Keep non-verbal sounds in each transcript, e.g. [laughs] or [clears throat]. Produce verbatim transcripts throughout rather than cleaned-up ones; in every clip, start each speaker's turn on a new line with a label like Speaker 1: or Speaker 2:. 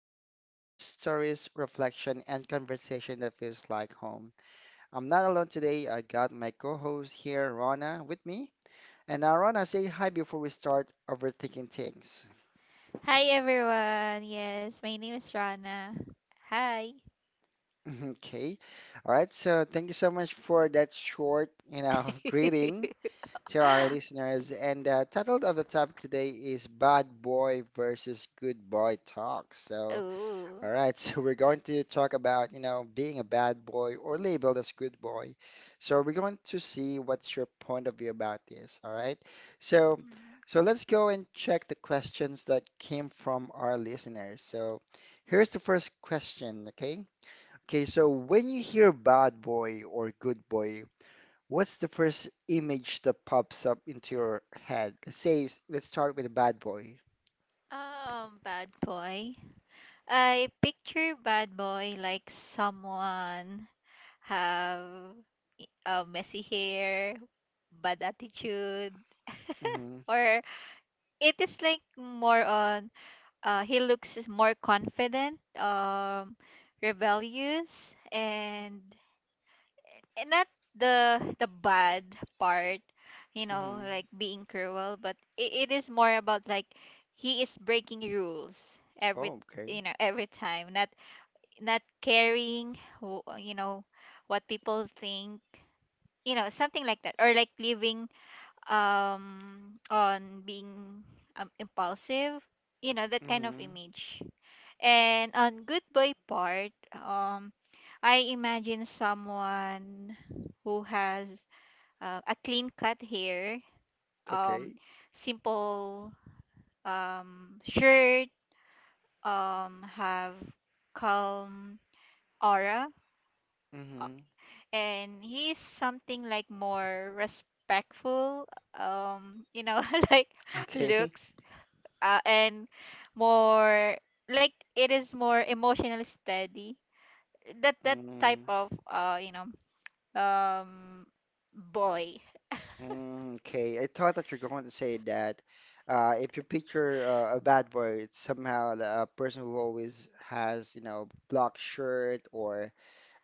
Speaker 1: answer, just stories, reflection, and conversation that feels like home. I'm not alone today, I got my co host here, Rona, with me. And now Rona, say hi before we start overthinking things.
Speaker 2: Hi everyone. Yes, my name is Rana. Hi.
Speaker 1: Mhm. Okay. All right. So thank you so much for that short, you know, [laughs] greeting
Speaker 2: [laughs]
Speaker 1: to our listeners. And the title of the topic today is Bad Boy versus Good Boy Talk. So, all
Speaker 2: Ooh.
Speaker 1: right. [laughs] So we're going to talk about, you know, being a bad boy or labeled as good boy. So we're going to see what's your point of view about this. All right. So,
Speaker 2: Mhm.
Speaker 1: so let's go and check the questions that came from our listeners. So here's the first question. Okay. Okay, so when you hear bad boy or good boy, what's the first image that pops up into your head? Say, s- let's start with a bad boy.
Speaker 2: Um, bad boy. I picture bad boy like someone have uh, messy hair, bad attitude,
Speaker 1: Mm-hmm.
Speaker 2: or it is like more on uh, he looks is more confident, um, rebellious, and and not the the bad part you know
Speaker 1: Mm-hmm.
Speaker 2: like being cruel but it, it is more about like he is breaking rules every
Speaker 1: Oh, okay.
Speaker 2: you know every time not not caring wh- you know what people think, you know something like that, or like living um on being um, impulsive, you know, that kind of
Speaker 1: Mm-hmm.
Speaker 2: image. And on good boy part, um I imagine someone who has uh, a clean cut hair, um,
Speaker 1: Okay.
Speaker 2: simple um, shirt, um, have calm aura, uh,
Speaker 1: Mm-hmm. [laughs]
Speaker 2: and he is something like more respectful, um, you know, [laughs] like
Speaker 1: Okay.
Speaker 2: looks, uh, and more like it is more emotionally steady. That that type
Speaker 1: Mm,
Speaker 2: of uh, you know, um, boy.
Speaker 1: mm, okay. I thought that you're going to say that uh, if you picture uh, a bad boy, it's somehow a person who always has, you know, black shirt or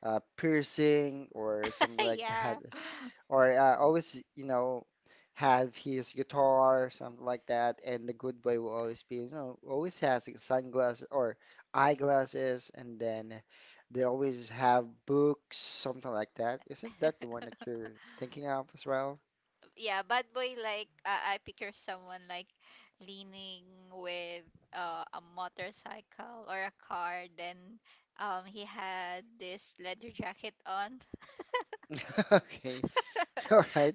Speaker 1: uh, piercing or something
Speaker 2: [laughs]
Speaker 1: like [laughs]
Speaker 2: Yeah.
Speaker 1: that. Or uh, always, you know, have his guitar, something like that. And the good boy will always be, you know, always has like, sunglasses or eyeglasses, and then they always have books, something like that. Isn't that the one that you're thinking of as well?
Speaker 2: Yeah, bad boy, like I I picture someone like leaning with uh, a motorcycle or a car, then um he had this leather jacket on.
Speaker 1: [laughs] Okay, [laughs] all right.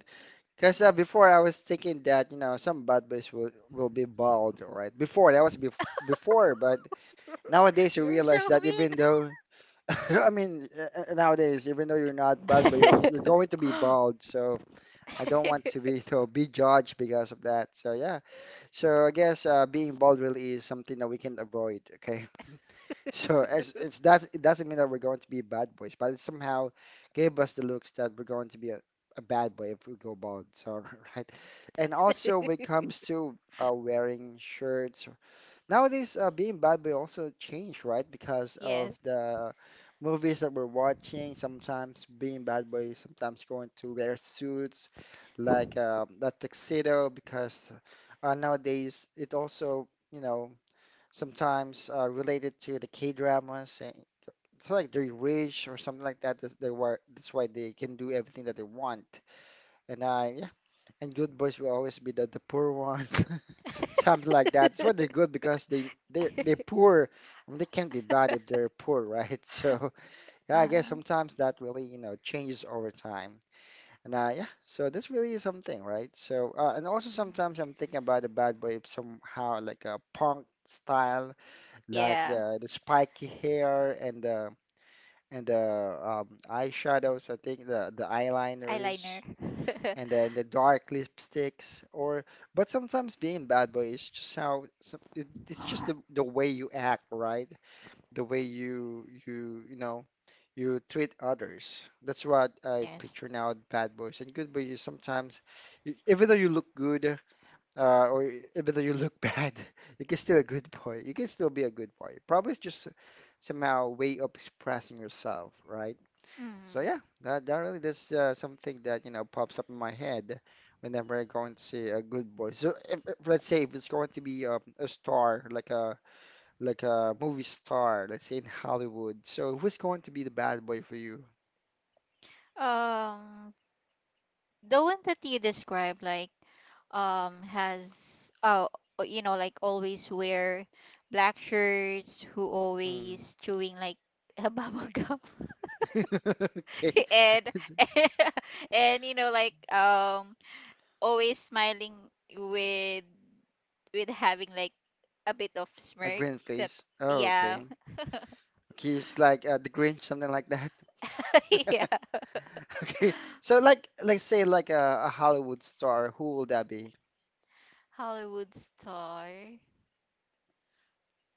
Speaker 1: Because uh, before I was thinking that, you know, some bad boys will will be bald, all right? Before that was bef before. But
Speaker 2: [laughs]
Speaker 1: nowadays you
Speaker 2: You're
Speaker 1: realize
Speaker 2: so
Speaker 1: that
Speaker 2: mean.
Speaker 1: even though [laughs] I mean, uh, uh, nowadays, even though you're not bald, but you're you're going to be
Speaker 2: [laughs]
Speaker 1: bald. So I don't want to
Speaker 2: [laughs]
Speaker 1: be [laughs] to be judged because of that. So yeah, so I guess uh, being bald really is something that we can avoid. Okay, [laughs] so as it's that it doesn't mean that we're going to be bad boys, but it somehow gave us the looks that we're going to be a, a bad boy if we go bald. So [laughs] right. And also when it comes to uh, wearing shirts nowadays, uh, being bad boy also changed, right? Because of
Speaker 2: Yes.
Speaker 1: the movies that we're watching. Sometimes being bad boy, sometimes going to wear suits like uh, that tuxedo. Because uh, nowadays, it also, you know, sometimes uh, related to the K-dramas. And it's like they're rich or something like that. That's, they were, that's why they can do everything that they want. And I, yeah, and good boys will always be the, the poor [laughs] one. Something like that. That's why they're
Speaker 2: [laughs]
Speaker 1: good because they they they're poor. I mean, they can't be bad if they're poor, right? [laughs] So yeah, I guess
Speaker 2: Uh,
Speaker 1: sometimes that really, you know, changes over time. And uh, yeah, so this really is something, right? So uh, and also
Speaker 2: mhm.
Speaker 1: sometimes I'm thinking about the bad boy if somehow like a punk style, like
Speaker 2: Yeah,
Speaker 1: the the spiky hair and the and the um, eyeshadows. I think the the eyeliners
Speaker 2: eyeliner. [laughs]
Speaker 1: and then the dark lipsticks. Or but sometimes being bad boy is just how some, it, it's just the, the way you act, right? The way you you you know you treat others. That's what I
Speaker 2: Yes.
Speaker 1: picture now with bad boys and good boys is sometimes you, even though you look good, uh, or even though you look [laughs] bad, you can still a good boy. You can still be a good boy probably. It's just somehow way of expressing yourself, right? So
Speaker 2: Mm.
Speaker 1: yeah, that, that really that's uh, something that you know pops up in my head whenever I'm going to see a good boy. So if, if let's say if it's going to be um, a star like a, like a movie star, let's say in [laughs] Hollywood. So who's going to be the bad boy for you?
Speaker 2: Um the one that you described, like um has oh uh, you know, like always wear black shirts, who
Speaker 1: Mm.
Speaker 2: always chewing like [laughs] a bubble gum,
Speaker 1: [laughs] Okay.
Speaker 2: [laughs] and,
Speaker 1: Is
Speaker 2: and
Speaker 1: it
Speaker 2: [laughs] and you know, like um always smiling with with having like a bit of
Speaker 1: a
Speaker 2: smirk.
Speaker 1: green
Speaker 2: That
Speaker 1: face. Oh,
Speaker 2: Yeah.
Speaker 1: okay. Okay, it's like uh, the Grinch, something like that.
Speaker 2: [laughs] Yeah.
Speaker 1: [laughs] Okay, so like let's say like a, a Hollywood star, who will that be?
Speaker 2: Hollywood star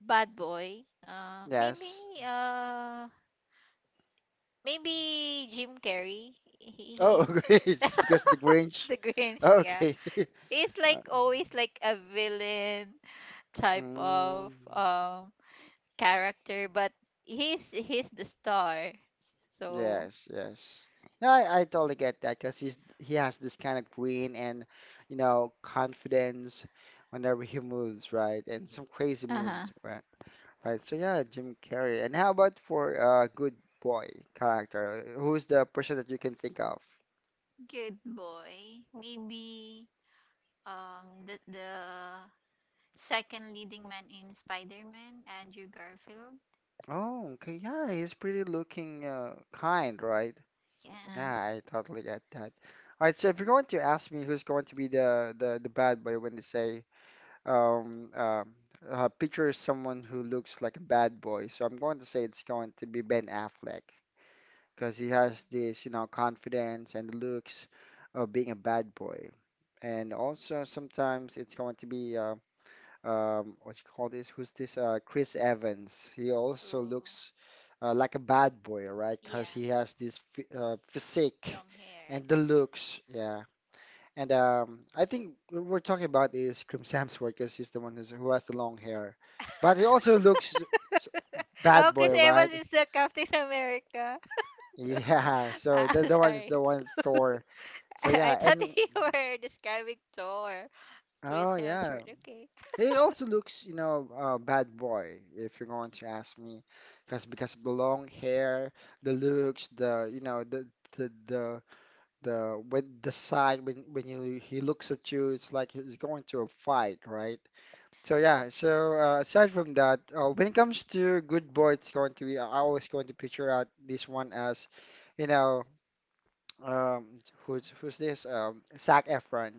Speaker 2: bad boy, uh maybe
Speaker 1: Yes.
Speaker 2: uh maybe Jim Carrey. He,
Speaker 1: Oh, [laughs] okay.
Speaker 2: he's
Speaker 1: It's because the
Speaker 2: [laughs]
Speaker 1: Grinch.
Speaker 2: the Grinch,
Speaker 1: Oh,
Speaker 2: yeah.
Speaker 1: okay. [laughs]
Speaker 2: He's
Speaker 1: Uh,
Speaker 2: like always like a villain type
Speaker 1: Mm,
Speaker 2: of um character, but he's he's the star. So
Speaker 1: yes, yes. No, I, I totally get that because he's he has this kind of green and you know confidence whenever he moves, right? And some crazy
Speaker 2: uh-huh.
Speaker 1: moves, right? Right. So yeah, Jim Carrey. And how about for a good boy character? Who's the person that you can think of?
Speaker 2: Good boy. Maybe um the the second leading man in Spider-Man, Andrew Garfield.
Speaker 1: Oh, okay. Yeah, he's pretty looking, uh, kind, right?
Speaker 2: Yeah.
Speaker 1: Yeah,
Speaker 2: Uh,
Speaker 1: I totally get that. All right, so if you're going to ask me who's going to be the the, the bad boy when they say um, um uh, picture someone who looks like a bad boy, so I'm going to say it's going to be Ben Affleck because he has
Speaker 2: mm.
Speaker 1: this, you know, confidence and the looks of being a bad boy. And also sometimes it's going to be uh, um, what you call this? Who's this? Uh, Chris Evans. He also
Speaker 2: Oh,
Speaker 1: looks uh, like a bad boy, right? Because
Speaker 2: yeah.
Speaker 1: he has this phy- uh, physique
Speaker 2: Long hair.
Speaker 1: and the looks. Yeah. And um, I think what we're talking about is Chris Hemsworth because he's the one who's, who has the long hair. But he also looks s-
Speaker 2: [laughs] Oh,
Speaker 1: bad
Speaker 2: Chris
Speaker 1: boy,
Speaker 2: Evans
Speaker 1: right? [laughs]
Speaker 2: is the Captain America. [laughs]
Speaker 1: Yeah. So
Speaker 2: Ah,
Speaker 1: the,
Speaker 2: I'm
Speaker 1: the one is the
Speaker 2: sorry.
Speaker 1: one Thor.
Speaker 2: [laughs]
Speaker 1: So
Speaker 2: I
Speaker 1: yeah.
Speaker 2: thought
Speaker 1: And
Speaker 2: you were describing Thor.
Speaker 1: oh,
Speaker 2: Chris
Speaker 1: yeah.
Speaker 2: Hemsworth. Okay.
Speaker 1: He also looks, you know, uh, bad boy, if you're going to ask me, because because of the long hair, the looks, the you know, the the the the when the side when when you, he looks at you, it's like he's going to a fight, right? So yeah, so uh, aside from that, uh, when it comes to good boy, it's going to be I always going to picture out this one as, you know, um, who's who's this? Um, Zac Efron,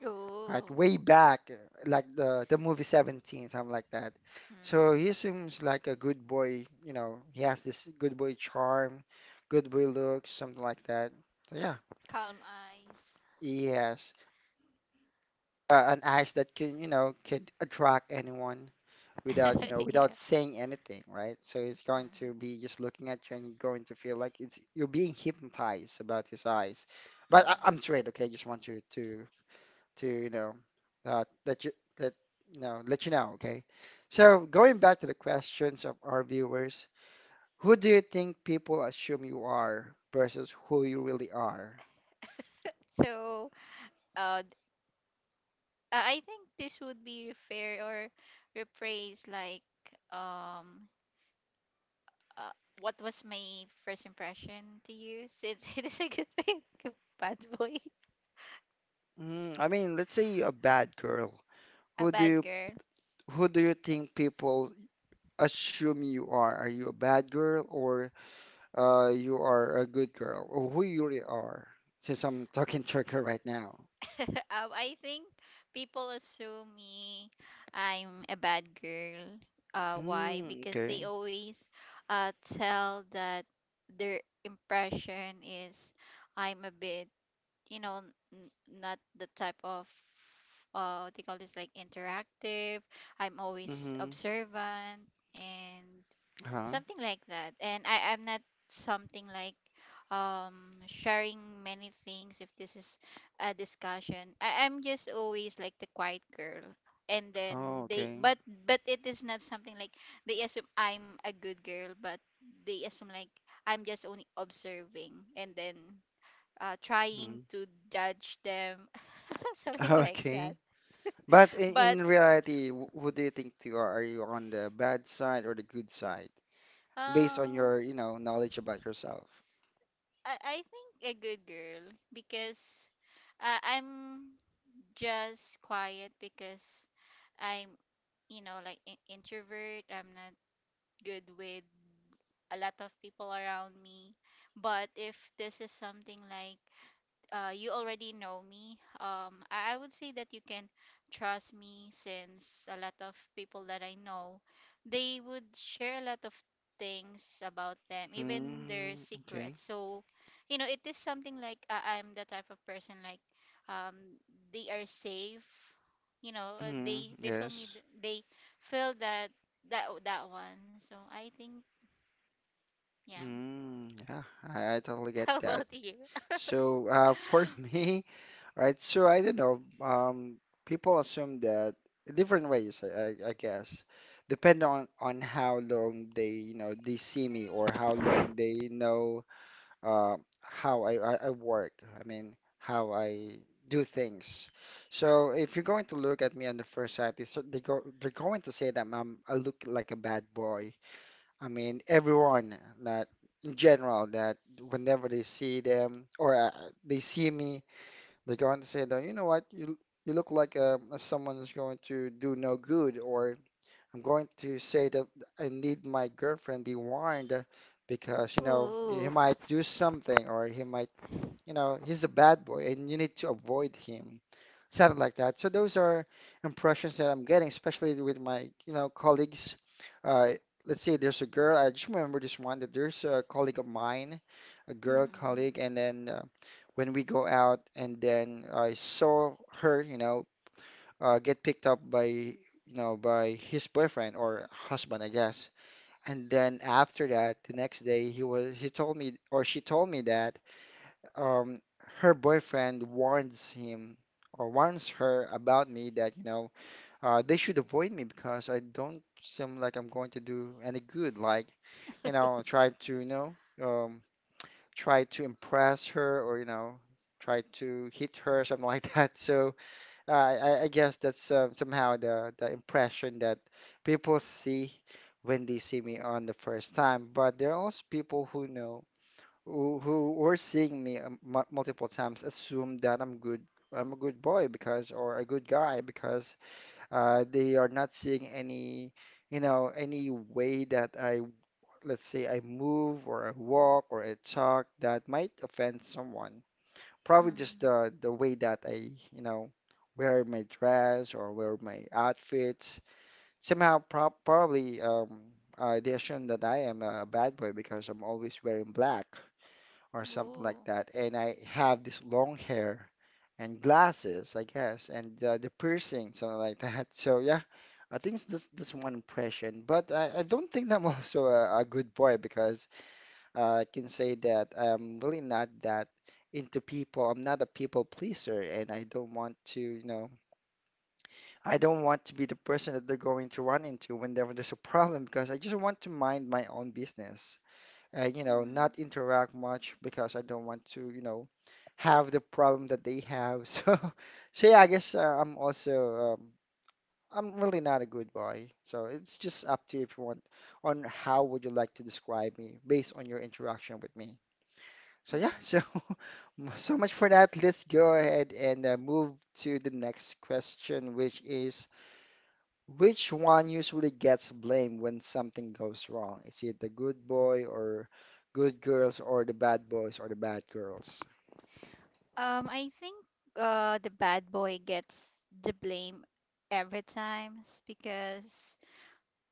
Speaker 2: Mm.
Speaker 1: right?
Speaker 2: Ooh.
Speaker 1: Way back, uh, like the the movie seventeen, something like that. So
Speaker 2: Mm.
Speaker 1: he seems like a good boy, you know, he has this good boy charm, good boy looks, something like that. So yeah,
Speaker 2: Calm eyes.
Speaker 1: he has uh, an eyes that can, you know, could attract anyone without, you know,
Speaker 2: [laughs] Yeah.
Speaker 1: without saying anything, right? So he's going
Speaker 2: Mm,
Speaker 1: to be just looking at you and you're going to feel like it's you're being hypnotized about his eyes. But I,
Speaker 2: mm.
Speaker 1: I'm straight, okay? Just want you to to you know uh, let you let you know let you know. Okay, so going back to the questions of our viewers, who do you think people assume you are versus who you really are?
Speaker 2: So, uh, th- uh, I think this would be refair or rephrase, like, um, uh, what was my first impression to you? Since [laughs] it is a good thing, [laughs] bad boy,
Speaker 1: Mm, I mean, let's say a bad girl.
Speaker 2: a
Speaker 1: Who do
Speaker 2: bad
Speaker 1: you
Speaker 2: girl.
Speaker 1: who do you think people assume you are? Are you a bad girl or uh, you are a good girl, or who you really are? Since I'm [laughs] talking to a girl right now.
Speaker 2: [laughs] um, I think people assume me I'm a bad girl. Uh, why?
Speaker 1: Mm,
Speaker 2: Because they
Speaker 1: okay.
Speaker 2: always uh, tell that their impression is I'm a bit, you know, n- n- not the type of uh what they call this, like interactive. I'm always
Speaker 1: Mm-hmm.
Speaker 2: observant and
Speaker 1: Huh.
Speaker 2: something like that, and i i'm not something like um sharing many things. If this is a discussion, I, i'm just always like the quiet girl, and then
Speaker 1: Oh,
Speaker 2: they
Speaker 1: okay.
Speaker 2: but but it is not something like they assume I'm a good girl, but they assume like I'm just only observing, and then uh,
Speaker 1: Mm-hmm.
Speaker 2: trying to judge them, [laughs] something like that.
Speaker 1: Okay. But in,
Speaker 2: But
Speaker 1: in reality, wh- who do you think you are? Are you on the bad side or the good side? Based on
Speaker 2: um,
Speaker 1: your, you know, knowledge about yourself.
Speaker 2: I, I think a good girl because uh, I'm just quiet because I'm, you know, like in- introvert. I'm not good with a lot of people around me. But if this is something like uh, you already know me. Um, I, I would say that you can trust me, since a lot of people that I know, they would share a lot of things about them, even their
Speaker 1: Mm, okay.
Speaker 2: secrets. So, you know, it is something like, uh, I'm the type of person like um, they are safe. You know, uh,
Speaker 1: Mm,
Speaker 2: they they feel me.
Speaker 1: yes.
Speaker 2: th- They feel that that that one. So I think, yeah.
Speaker 1: Mm, yeah, I, I totally
Speaker 2: [laughs]
Speaker 1: get
Speaker 2: How
Speaker 1: that.
Speaker 2: about you?
Speaker 1: So, uh, for [laughs]
Speaker 2: [laughs]
Speaker 1: me, right, so I don't know, um, people assume that different ways, I, I I guess, depending on, on how long they, you know, they see me or how long they know uh, how I, I, I work. I mean, how I do things. So if you're going to look at me on the first sight, they, so- they go, they're going to say that I'm, I look like a bad boy. I mean, everyone that in general that whenever they see them or uh, they see me, they're going to say that, you know what, you, you look like um someone who's going to do no good or I'm going to say that I need my girlfriend be warned because, you know, he
Speaker 2: Oh,
Speaker 1: might do something or he might, you know, he's a bad boy and you need to avoid him. Something like that. So those are impressions that I'm getting, especially with my, you know, colleagues. Uh, let's say there's a girl, I just remember this one that there's a colleague of mine, a girl
Speaker 2: mm,
Speaker 1: colleague, and then uh, when we go out and then I saw her, you know, uh, get picked up by you know by his boyfriend or husband, I guess. And then after that, the next day he was he told me or she told me that um, her boyfriend warns him or warns her about me that you know uh, they should avoid me because I don't seem like I'm going to do any good. Like you know, try to you know um, try to impress her, or you know try to hit her, something like [laughs] that. So uh, I, I guess that's uh, somehow the, the impression that people see when they see me on the first time. But there are also people who know who who were seeing me um, mu- multiple times, assume that I'm good. I'm a good boy because, or a good guy because uh, they are not seeing any you know any way that I, let's say I move or I walk or I talk, that might offend someone. Probably just
Speaker 2: mm.
Speaker 1: the the way that I, you know, wear my dress or wear my outfits. Somehow, prob probably um, uh, they assume that I am a bad boy because I'm always wearing black or something like
Speaker 2: Oh.
Speaker 1: that, and I have this long hair and glasses, I guess, and uh, the piercing, something like that. [laughs] So yeah, I think it's this this one impression, but I, I don't think I'm [laughs] also a, a good boy because uh, I can say that I'm really not that into people. I'm not a people pleaser, and I don't want to, you know, I don't want to be the person that they're going to run into whenever there's a problem because I just want to mind my own business and, you know,
Speaker 2: Mm-hmm.
Speaker 1: not interact much because I don't want to, you know, have the problem that they have. [laughs] So, so yeah, I guess uh, I'm also, um, I'm really not a good boy. So it's just up to you if you want, on how would you like to describe me based on your interaction with me. So yeah, so [laughs] so much for that. Let's go ahead and uh, move to the next question, which is, which one usually gets blamed when something goes wrong? Is it the good boy or good girls, or the bad boys or the bad girls?
Speaker 2: Um, I think uh the bad boy gets the blame every time, s- because,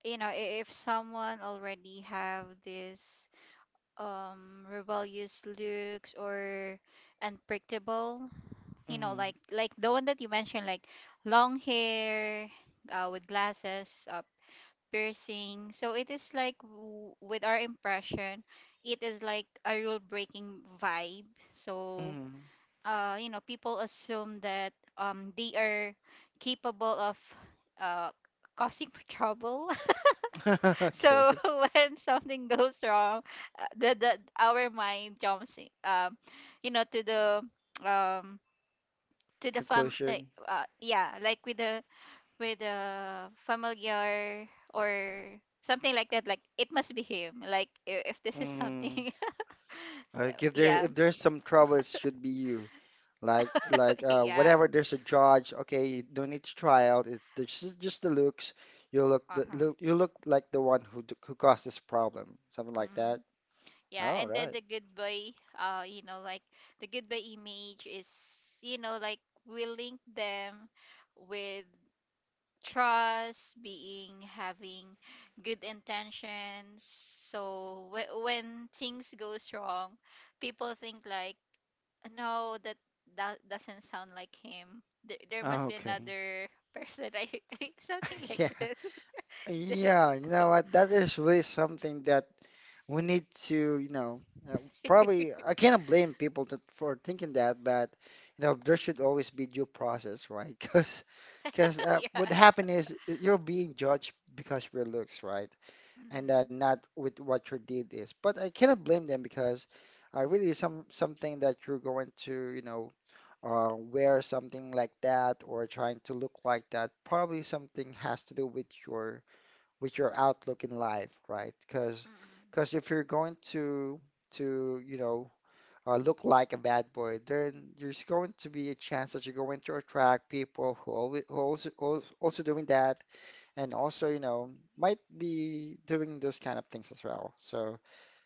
Speaker 2: you know, i- if someone already have this um rebellious looks or unpredictable, you know,
Speaker 1: Mm,
Speaker 2: like like the one that you mentioned, like long hair, uh, with glasses, uh, piercing. So it is like, w- with our impression, it is like a rule breaking vibe. So
Speaker 1: mm.
Speaker 2: uh, you know, people assume that um they are capable of uh causing [laughs] trouble.
Speaker 1: [laughs]
Speaker 2: [laughs] So
Speaker 1: Okay.
Speaker 2: [laughs] when something goes wrong, uh, the, the our mind jumps in, um you know, to the um to the fam uh,
Speaker 1: Conclusion.
Speaker 2: uh, yeah, like with the with a familiar or something like that, like it must be him, like, i- if this is
Speaker 1: Mm.
Speaker 2: something.
Speaker 1: Uh,
Speaker 2: [laughs]
Speaker 1: if there,
Speaker 2: Yeah.
Speaker 1: if there's some trouble, it should be you. Like
Speaker 2: [laughs]
Speaker 1: like
Speaker 2: But
Speaker 1: uh,
Speaker 2: yeah.
Speaker 1: whatever there's a judge, okay, you don't need to try out. It's the- just just the looks. You look the
Speaker 2: Uh-huh.
Speaker 1: look, you look like the one who d- who caused this problem, something like
Speaker 2: Mm.
Speaker 1: that.
Speaker 2: Yeah,
Speaker 1: All
Speaker 2: and then
Speaker 1: right.
Speaker 2: the goodbye, uh you know, like the goodbye image is, you know, like we link them with trust, being having good intentions. So wh- when things goes wrong, people think like, no, that that doesn't sound like him. There, there must be
Speaker 1: Okay.
Speaker 2: another person. [laughs] I think
Speaker 1: [laughs]
Speaker 2: something like
Speaker 1: Yeah,
Speaker 2: this. [laughs] This.
Speaker 1: yeah,
Speaker 2: [laughs]
Speaker 1: you know what? That is really something that we need to, you know, uh, probably I cannot blame people to, for thinking that, but you know, there should always be due process, right? [laughs] Because, because uh, what
Speaker 2: Yeah.
Speaker 1: happened is uh, you're being judged because of your looks, right? And uh,
Speaker 2: Mm-hmm.
Speaker 1: not with what your deed is. But I cannot blame them because uh, really some something that you're going to, you know, uh, wear something like that or trying to look like that, probably something has to do with your, with your outlook in life, right? Because
Speaker 2: Mm-hmm.
Speaker 1: because if you're going to to, you know, uh, look like a bad boy, then there's going to be a chance that you're going to attract people who always also, also doing that and also, you know, might be doing those kind of things as well. So,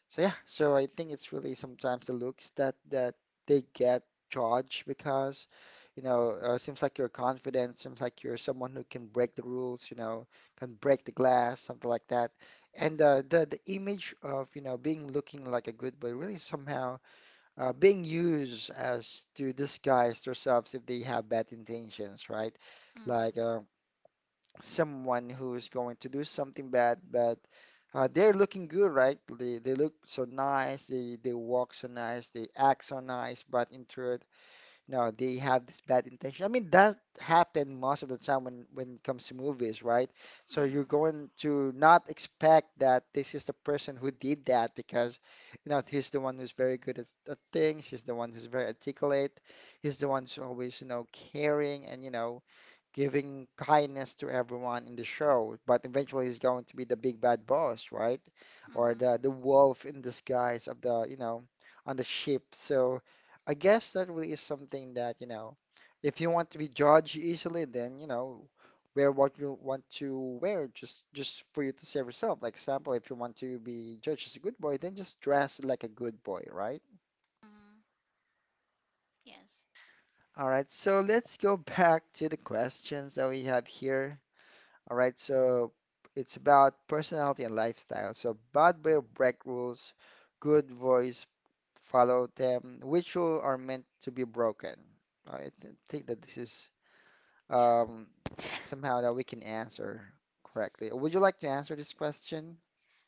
Speaker 1: so yeah, so I think it's really sometimes the looks that that they get judged because, you know, uh, seems like you're confident, seems like you're someone who can break the rules, you know, can break the glass, something like that. And uh, the the image of, you know, being looking like a good boy, really somehow uh, being used as to disguise themselves if they have bad intentions, right? Like,
Speaker 2: Mm-hmm.
Speaker 1: um, someone who's going to do something bad, but uh, they're looking good, right? They they look so nice, they they walk so nice, they act so nice, but in truth, no, they have this bad intention. I mean, that happen most of the time when when it comes to movies, right? So you're
Speaker 2: Mm-hmm.
Speaker 1: going to not expect that this is the person who did that because, you know, he's the one who's very good at, at things, he's the one who's very articulate, he's the one who's always, you know, caring and, you know, giving kindness to everyone in the show, but eventually he's going to be the big bad boss, right? Or
Speaker 2: Mm-hmm.
Speaker 1: the the wolf in disguise of the, you know, on the ship. So I guess that really is something that, you know, if you want to be judged easily, then, you know, wear what you want to wear, just just for you to save yourself. Like example, if you want to be judged as a good boy, then just dress like a good boy, right?
Speaker 2: Mm-hmm. Yes.
Speaker 1: All right, so let's go back to the questions that we have here. All right, so it's about personality and lifestyle. So bad boy break rules, good voice follow them. Which rule are meant to be broken? I th- think that this is um,
Speaker 2: Yeah. [laughs]
Speaker 1: somehow that we can answer correctly. Would you like to answer this question?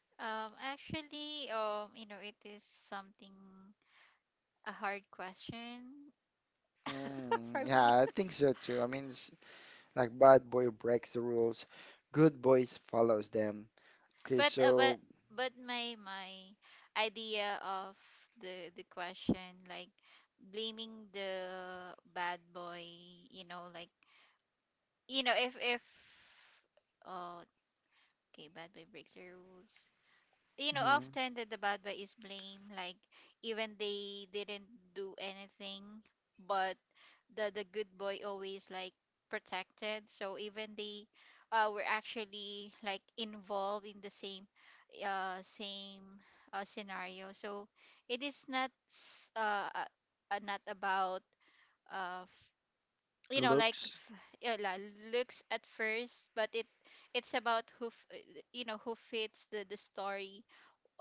Speaker 2: Um, actually, um, you know, it is something a hard question [laughs] for
Speaker 1: Mm,
Speaker 2: me.
Speaker 1: yeah, I think so too. I mean, it's like bad boy breaks the rules, good boys follows them.
Speaker 2: [laughs]
Speaker 1: Okay,
Speaker 2: But uh, but
Speaker 1: so
Speaker 2: but my my idea of the the question, like blaming the bad boy, you know, like, you know, if if oh okay, bad boy breaks the rules. You know,
Speaker 1: mhm,
Speaker 2: often that the bad boy is blamed, like, even they didn't do anything, but the the good boy always like protected. So even they uh were actually like involved in the same uh same uh, scenario. So it is not, s- uh, uh uh, not about uh
Speaker 1: the
Speaker 2: you know, like,
Speaker 1: looks,
Speaker 2: f- yeah, la- looks at first, but it it's about who f- uh, you know, who fits the the story,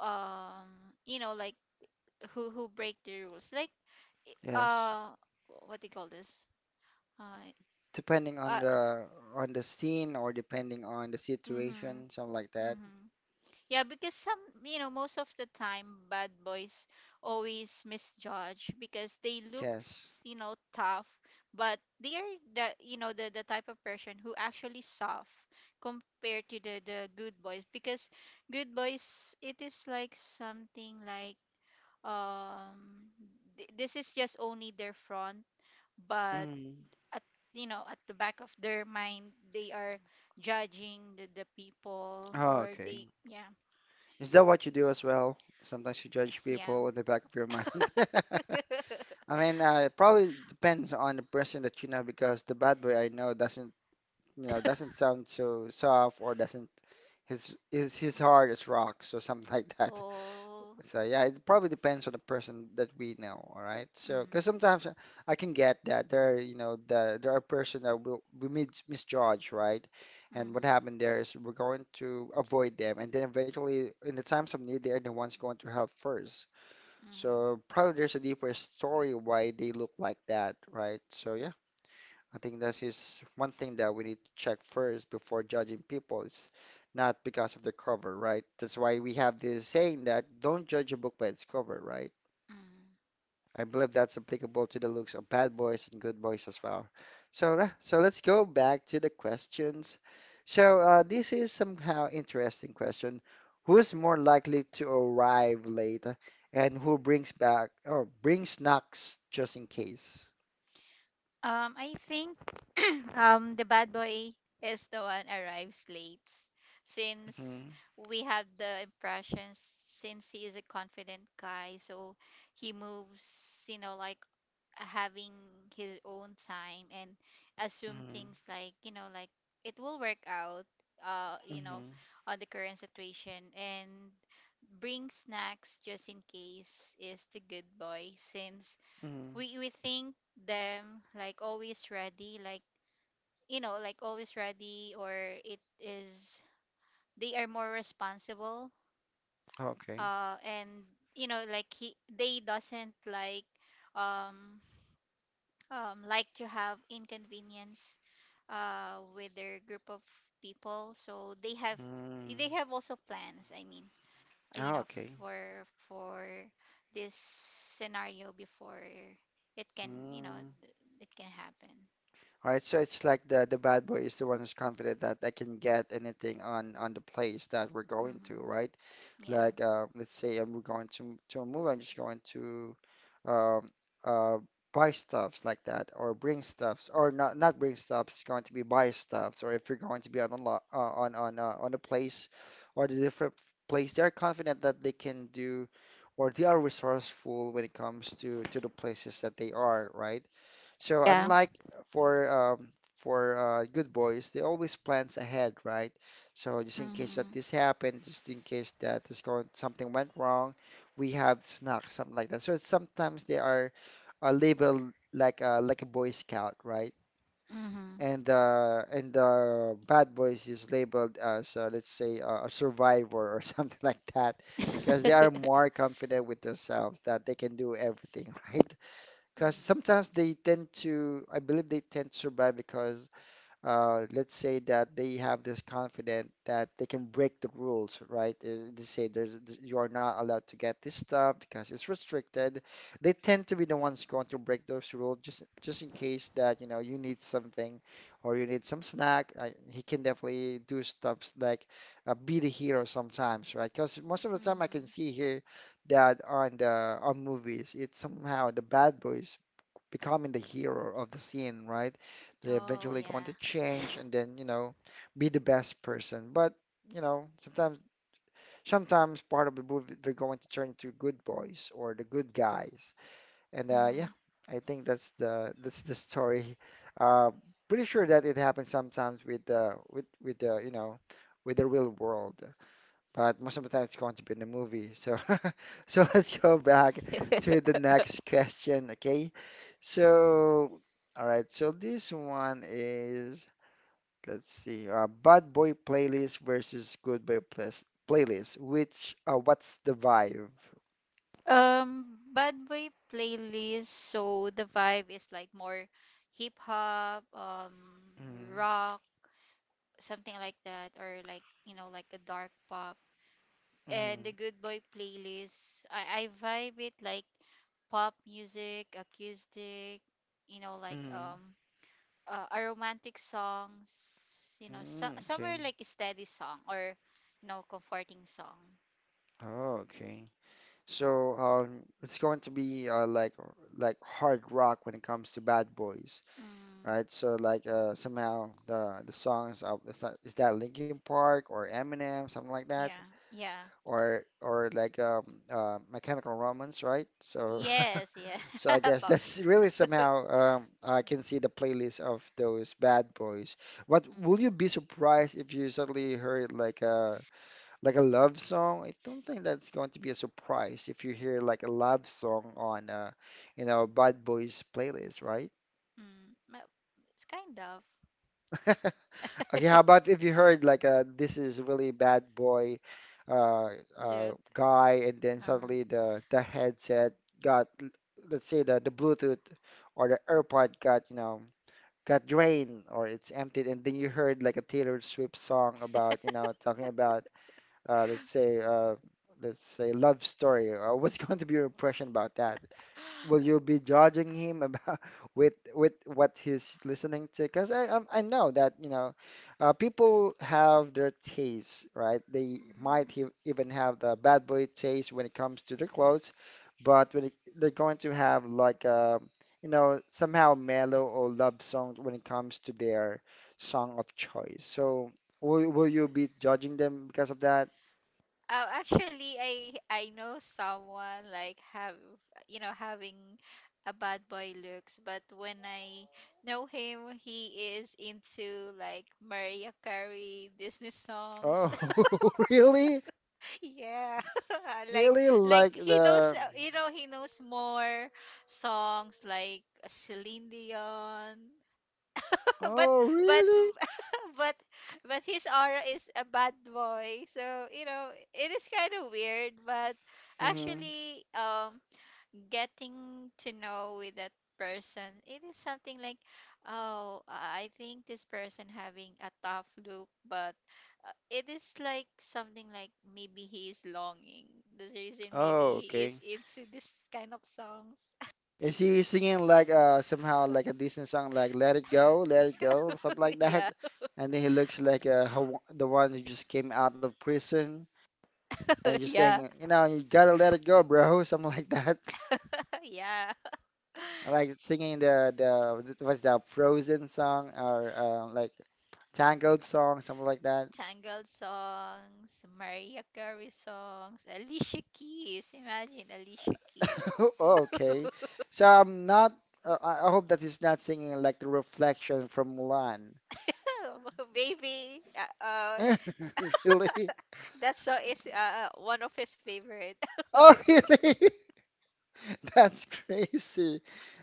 Speaker 2: um you know, like who who break the rules, like, i-
Speaker 1: yes.
Speaker 2: uh what do you call this, uh,
Speaker 1: Depending on
Speaker 2: uh,
Speaker 1: the, on the scene, or depending on the
Speaker 2: mm-hmm,
Speaker 1: situation, something like that.
Speaker 2: mm-hmm. Yeah, because some, you know, most of the time, bad boys always misjudge because they
Speaker 1: Yes.
Speaker 2: looks, you know, tough, but they are the, you know, the the type of person who actually soft, compared to the the good boys, because good boys it is like something like, um th- this is just only their front, but
Speaker 1: Mm.
Speaker 2: at, you know, at the back of their mind they are judging the, the people,
Speaker 1: Oh,
Speaker 2: or
Speaker 1: okay.
Speaker 2: they, yeah.
Speaker 1: Is that what you do as well? Sometimes you judge
Speaker 2: Yeah.
Speaker 1: people in the back of your mind. [laughs] I
Speaker 2: [laughs]
Speaker 1: mean, uh, it probably depends on the person that you know, because the bad boy I know doesn't, you know, doesn't sound so soft, or doesn't, his his his heart is rock, so something [laughs] like that.
Speaker 2: Oh,
Speaker 1: So yeah, it probably depends on the person that we know, all right? So, because
Speaker 2: mm,
Speaker 1: sometimes I I can get that there, are, you know, the there are person that will we mis misjudge, right? And what
Speaker 2: mm-hmm,
Speaker 1: happened there is we're going to avoid them, and then eventually, in the times of need, they're the ones going to help first.
Speaker 2: mm-hmm,
Speaker 1: So probably there's a deeper story why they look like that, right? So yeah. I think this is one thing that we need to check first before judging people. It's not because of the cover, right? That's why we have this saying that don't judge a book by its cover, right?
Speaker 2: mm.
Speaker 1: I believe that's applicable to the looks of bad boys and good boys as well. So, uh, so let's go back to the questions. So, uh, this is somehow interesting question. Who's more likely to arrive late, and who brings back or brings snacks just in case?
Speaker 2: Um, I think [clears throat] um the bad boy is the one arrives late, since
Speaker 1: Hmm.
Speaker 2: we had the impression, since he is a confident guy, so he moves, you know, like having his own time and assume
Speaker 1: Hmm.
Speaker 2: things, like, you know, like it will work out, uh you know,
Speaker 1: Hmm.
Speaker 2: on the current situation. And bring snacks just in case is the good boy, since
Speaker 1: Hmm.
Speaker 2: we we think them like always ready, like, you know, like always ready, or it is they are more responsible,
Speaker 1: Okay.
Speaker 2: uh and, you know, like he they doesn't like, um um, like to have inconvenience uh, with their group of people, so they have,
Speaker 1: Mm.
Speaker 2: they have also plans. I mean, uh, you
Speaker 1: Ah,
Speaker 2: know,
Speaker 1: okay.
Speaker 2: for for this scenario before it can, you know,
Speaker 1: Mm.
Speaker 2: th- it can happen.
Speaker 1: All right. So it's like the the bad boy is the one who's confident that I can get anything on on the place that we're going
Speaker 2: Hmm.
Speaker 1: to, right?
Speaker 2: Yeah.
Speaker 1: Like, uh, let's say I'm going to to a movie, I'm just going to, um, uh, buy stuffs like that or bring stuffs, or not not bring stuffs, it's going to be buy stuffs, or if you're going to be on a lot, uh, on on uh, on a place or the different place, they're confident that they can do, or they are resourceful when it comes to to the places that they are, right? So
Speaker 2: Yeah.
Speaker 1: unlike for um, for uh, good boys, they always plans ahead, right? So just in case
Speaker 2: Mm-hmm.
Speaker 1: that this happened, just in case that there's going something went wrong, we have snacks, something like that. So sometimes they are uh, labeled like a like a Boy Scout, right?
Speaker 2: Mm-hmm.
Speaker 1: And uh, and uh, bad boys is labeled as uh, let's say uh, a survivor, or [laughs] something like that, because they
Speaker 2: [laughs]
Speaker 1: are more confident with themselves that they can do everything, [laughs] right? Because
Speaker 2: Mm-hmm.
Speaker 1: sometimes they tend to, I believe they tend to survive because, uh, let's say that they have this confidence that they can break the rules, right? Uh, they say there's, you are not allowed to get this stuff because it's restricted. They tend to be the ones going to break those rules, just just in case that you know you need something or you need some snack. Uh, he can definitely do stuff like uh, be the hero sometimes, right? Because most of the time I
Speaker 2: Mm-hmm.
Speaker 1: can see here that on the on movies, it's somehow the bad boys becoming the hero of the scene, right? They're
Speaker 2: Oh
Speaker 1: eventually
Speaker 2: yeah.
Speaker 1: going to change and then, you know, be the best person. But, you know, sometimes sometimes part of the movie they're going to turn to good boys or the good guys. And uh yeah, I think that's the, that's the story. [laughs] Uh, pretty sure that it happens sometimes with uh with with the, you know, with the real world, but most of the time it's going to be in the movie. So, [laughs] so let's go back
Speaker 2: Mm-hmm.
Speaker 1: to the
Speaker 2: [laughs]
Speaker 1: next question, okay? So, all right. So this one is, let's see, uh, Bad Boy playlist versus Good Boy playlist. Playlist. Which, uh, what's the vibe?
Speaker 2: Um, bad boy playlist. So the vibe is like more hip hop, um,
Speaker 1: Mm,
Speaker 2: rock, something like that, or like, you know, like a dark pop. And
Speaker 1: mm,
Speaker 2: the good boy playlist, I I vibe it like pop music, acoustic, you know, like,
Speaker 1: mm,
Speaker 2: um, uh, a romantic songs, you know, so
Speaker 1: mm, okay.
Speaker 2: somewhere like a steady song, or, you know, comforting song.
Speaker 1: Oh, okay. So, um, it's going to be uh, like like hard rock when it comes to Bad Boys,
Speaker 2: Mm,
Speaker 1: right? So like uh, somehow the the songs of is that, is that Linkin Park or Eminem, something like that,
Speaker 2: yeah, yeah.
Speaker 1: or or like um, uh, Mechanical Romance, right? So
Speaker 2: Yes, yeah.
Speaker 1: [laughs] so I
Speaker 2: [laughs]
Speaker 1: guess
Speaker 2: Pop.
Speaker 1: that's really somehow um, I can see the playlist of those bad boys. What will
Speaker 2: Mhm.
Speaker 1: you be surprised if you suddenly heard like a like a love song? I don't think that's going to be a surprise if you hear like a love song on uh, you know bad boys playlist, right?
Speaker 2: Mm. Well, it's kind of.
Speaker 1: [laughs] Okay, how
Speaker 2: [laughs]
Speaker 1: about if you heard like uh this is really bad boy uh uh
Speaker 2: Look.
Speaker 1: guy and then
Speaker 2: Uh-huh.
Speaker 1: suddenly the the headset got l- let's say the the Bluetooth or the AirPod got you know got drained or it's emptied and then you heard like a Taylor Swift song about you know talking about uh let's say uh let's say love story, uh, what's [laughs] going to be your impression about that? Will you be judging him about [laughs] with with what he's listening to? Because I, I I know that you know, uh, people have their tastes, right? They
Speaker 2: Hmm.
Speaker 1: might he even have the bad boy taste when it comes to their clothes, but when it, they're going to have like uh, you know somehow mellow or love songs when it comes to their song of choice. So will will you be judging them because of that?
Speaker 2: Oh, actually, I I know someone like have, you know, having a bad boy looks, but when I know him, he is into like Mariah Carey Disney songs. [laughs]
Speaker 1: Oh, [laughs] really?
Speaker 2: Yeah, [laughs] like,
Speaker 1: Really?
Speaker 2: like
Speaker 1: Like
Speaker 2: he knows,
Speaker 1: the
Speaker 2: uh, you know, he knows more songs like Celine Dion, [laughs] but
Speaker 1: oh,
Speaker 2: but
Speaker 1: really?
Speaker 2: [laughs] but but his aura is a bad boy. So, you know, it is kind of weird, but
Speaker 1: Mm-hmm.
Speaker 2: actually, um getting to know with that person, it is something like, oh, I think this person having a tough look, but uh, it is like something like maybe he is longing. The reason maybe
Speaker 1: Oh,
Speaker 2: he is
Speaker 1: okay.
Speaker 2: into this kind of songs.
Speaker 1: Is he singing like uh somehow like a Disney song like "Let It Go, Let It Go" something like
Speaker 2: [laughs]
Speaker 1: that?
Speaker 2: Yeah.
Speaker 1: And then he looks like uh Haw- the one who just came out of prison and
Speaker 2: [laughs]
Speaker 1: just
Speaker 2: Yeah.
Speaker 1: saying, you know, you gotta let it go, bro, [laughs] something like that. [laughs]
Speaker 2: [laughs] Yeah.
Speaker 1: Like singing the the what's that Frozen song or uh, like Tangled song, something like that.
Speaker 2: Tangled songs, Mariah Carey songs, Alicia Keys. Imagine Alicia Keys.
Speaker 1: [laughs] Oh, okay, so I'm not. Uh, I I hope that he's not singing like the reflection from Mulan.
Speaker 2: [laughs] Baby, uh, uh,
Speaker 1: [laughs] Really?
Speaker 2: that song is uh, uh, one of his favorite. [laughs]
Speaker 1: Oh, [laughs] really? [laughs] That's crazy.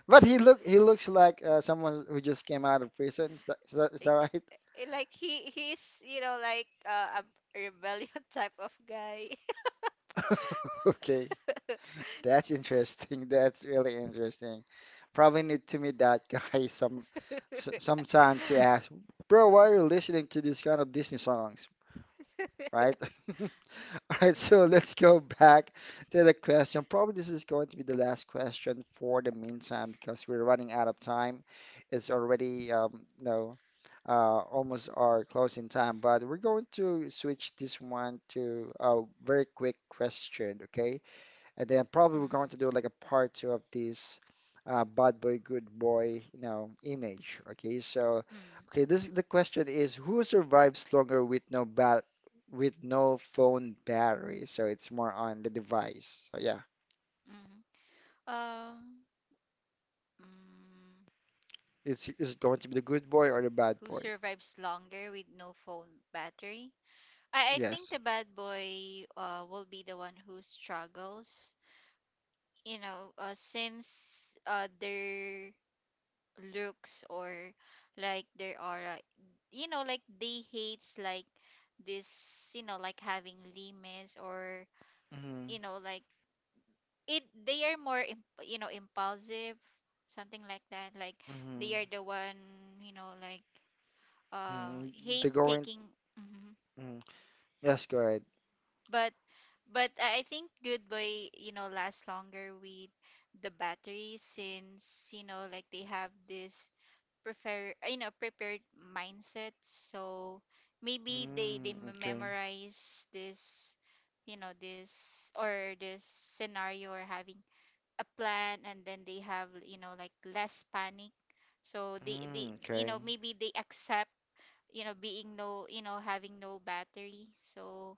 Speaker 1: But he look he looks like uh, someone who just came out of prison. Is that, is that, is that
Speaker 2: Yeah,
Speaker 1: right?
Speaker 2: eh, like he he's, you know, like, uh, a rebellion [laughs] type of guy.
Speaker 1: [laughs] Okay. That's interesting. [laughs] That's really interesting. Probably need to meet that [laughs] guy some s- sometime to
Speaker 2: [laughs]
Speaker 1: ask, bro, why are you listening to this kind of Disney songs, right? [laughs] [laughs] All right, so let's go back to the question. Probably this is going to be the last question for the meantime because we're running out of time. It's already um, no, uh, almost our closing time, but we're going to switch this one to a very quick question, okay? And then probably we're
Speaker 2: Mm,
Speaker 1: going to do like a part two of this uh, bad boy, good boy, you know, image. Okay, so
Speaker 2: mm,
Speaker 1: okay, this the question is who survives longer with no bat with no phone battery? So it's more on the device. So yeah,
Speaker 2: mm. Um, mm,
Speaker 1: it's is it going to be the good boy or the bad
Speaker 2: who
Speaker 1: boy?
Speaker 2: survives longer with no phone battery? I, I think the
Speaker 1: Yes.
Speaker 2: bad boy uh, will be the one who struggles. You know, uh, since uh, their looks or like their aura, you know, like they hates like this, you know, like having limits or, you
Speaker 1: Mm-hmm.
Speaker 2: know, like it. They are more, imp- you know, impulsive, something like that. Like they
Speaker 1: Mm-hmm.
Speaker 2: are the one, you know, like uh
Speaker 1: Mm-hmm.
Speaker 2: hate
Speaker 1: They're going.
Speaker 2: taking. Mhm.
Speaker 1: Mm. Yes, go ahead.
Speaker 2: but but I I think Goodbye, you know, lasts longer with the battery, since, you know, like they have this prefer, you know, prepared mindset. So maybe they they
Speaker 1: Mm,
Speaker 2: me-
Speaker 1: okay.
Speaker 2: memorize this, you know, this or this scenario, or having a plan, and then they have, you know, like less panic, so they they,
Speaker 1: Mm,
Speaker 2: you know,
Speaker 1: okay.
Speaker 2: maybe they accept, you know, being no, you know, having no battery, so,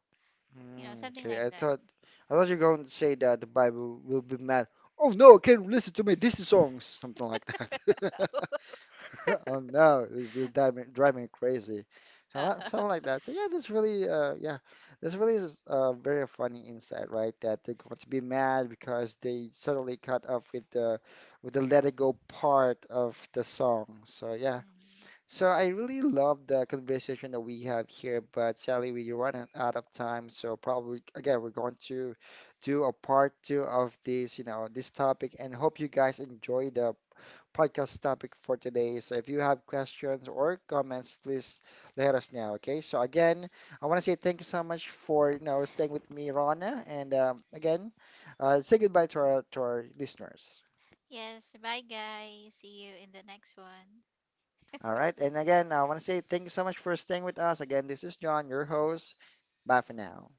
Speaker 2: you know,
Speaker 1: Mm,
Speaker 2: something
Speaker 1: okay,
Speaker 2: like
Speaker 1: I
Speaker 2: that.
Speaker 1: thought I thought you were going to say that the Bible will be mad. Oh no, I can't listen to my Disney songs, something like that. [laughs] Oh no, this is driving driving me crazy. So that, something
Speaker 2: [laughs]
Speaker 1: like that. So yeah, that's really uh yeah, that's really is a very funny insight, right? That they're going to be mad because they suddenly cut off with the with the let it go part of the song. So yeah,
Speaker 2: Mhm.
Speaker 1: so I really love the conversation that we have here, but sadly we run out of time. So probably again we're going to do a part two of this, you know, this topic, and hope you guys enjoy the podcast topic for today. So if you have questions or comments, please let us know. Okay. So again, I want to say thank you so much for you know staying with me, Rana, and um, again, uh, say goodbye to our to our listeners.
Speaker 2: Yes, bye guys. See you in the next one.
Speaker 1: All right. And again, I want to say thank you so much for staying with us. Again, this is John, your host. Bye for now.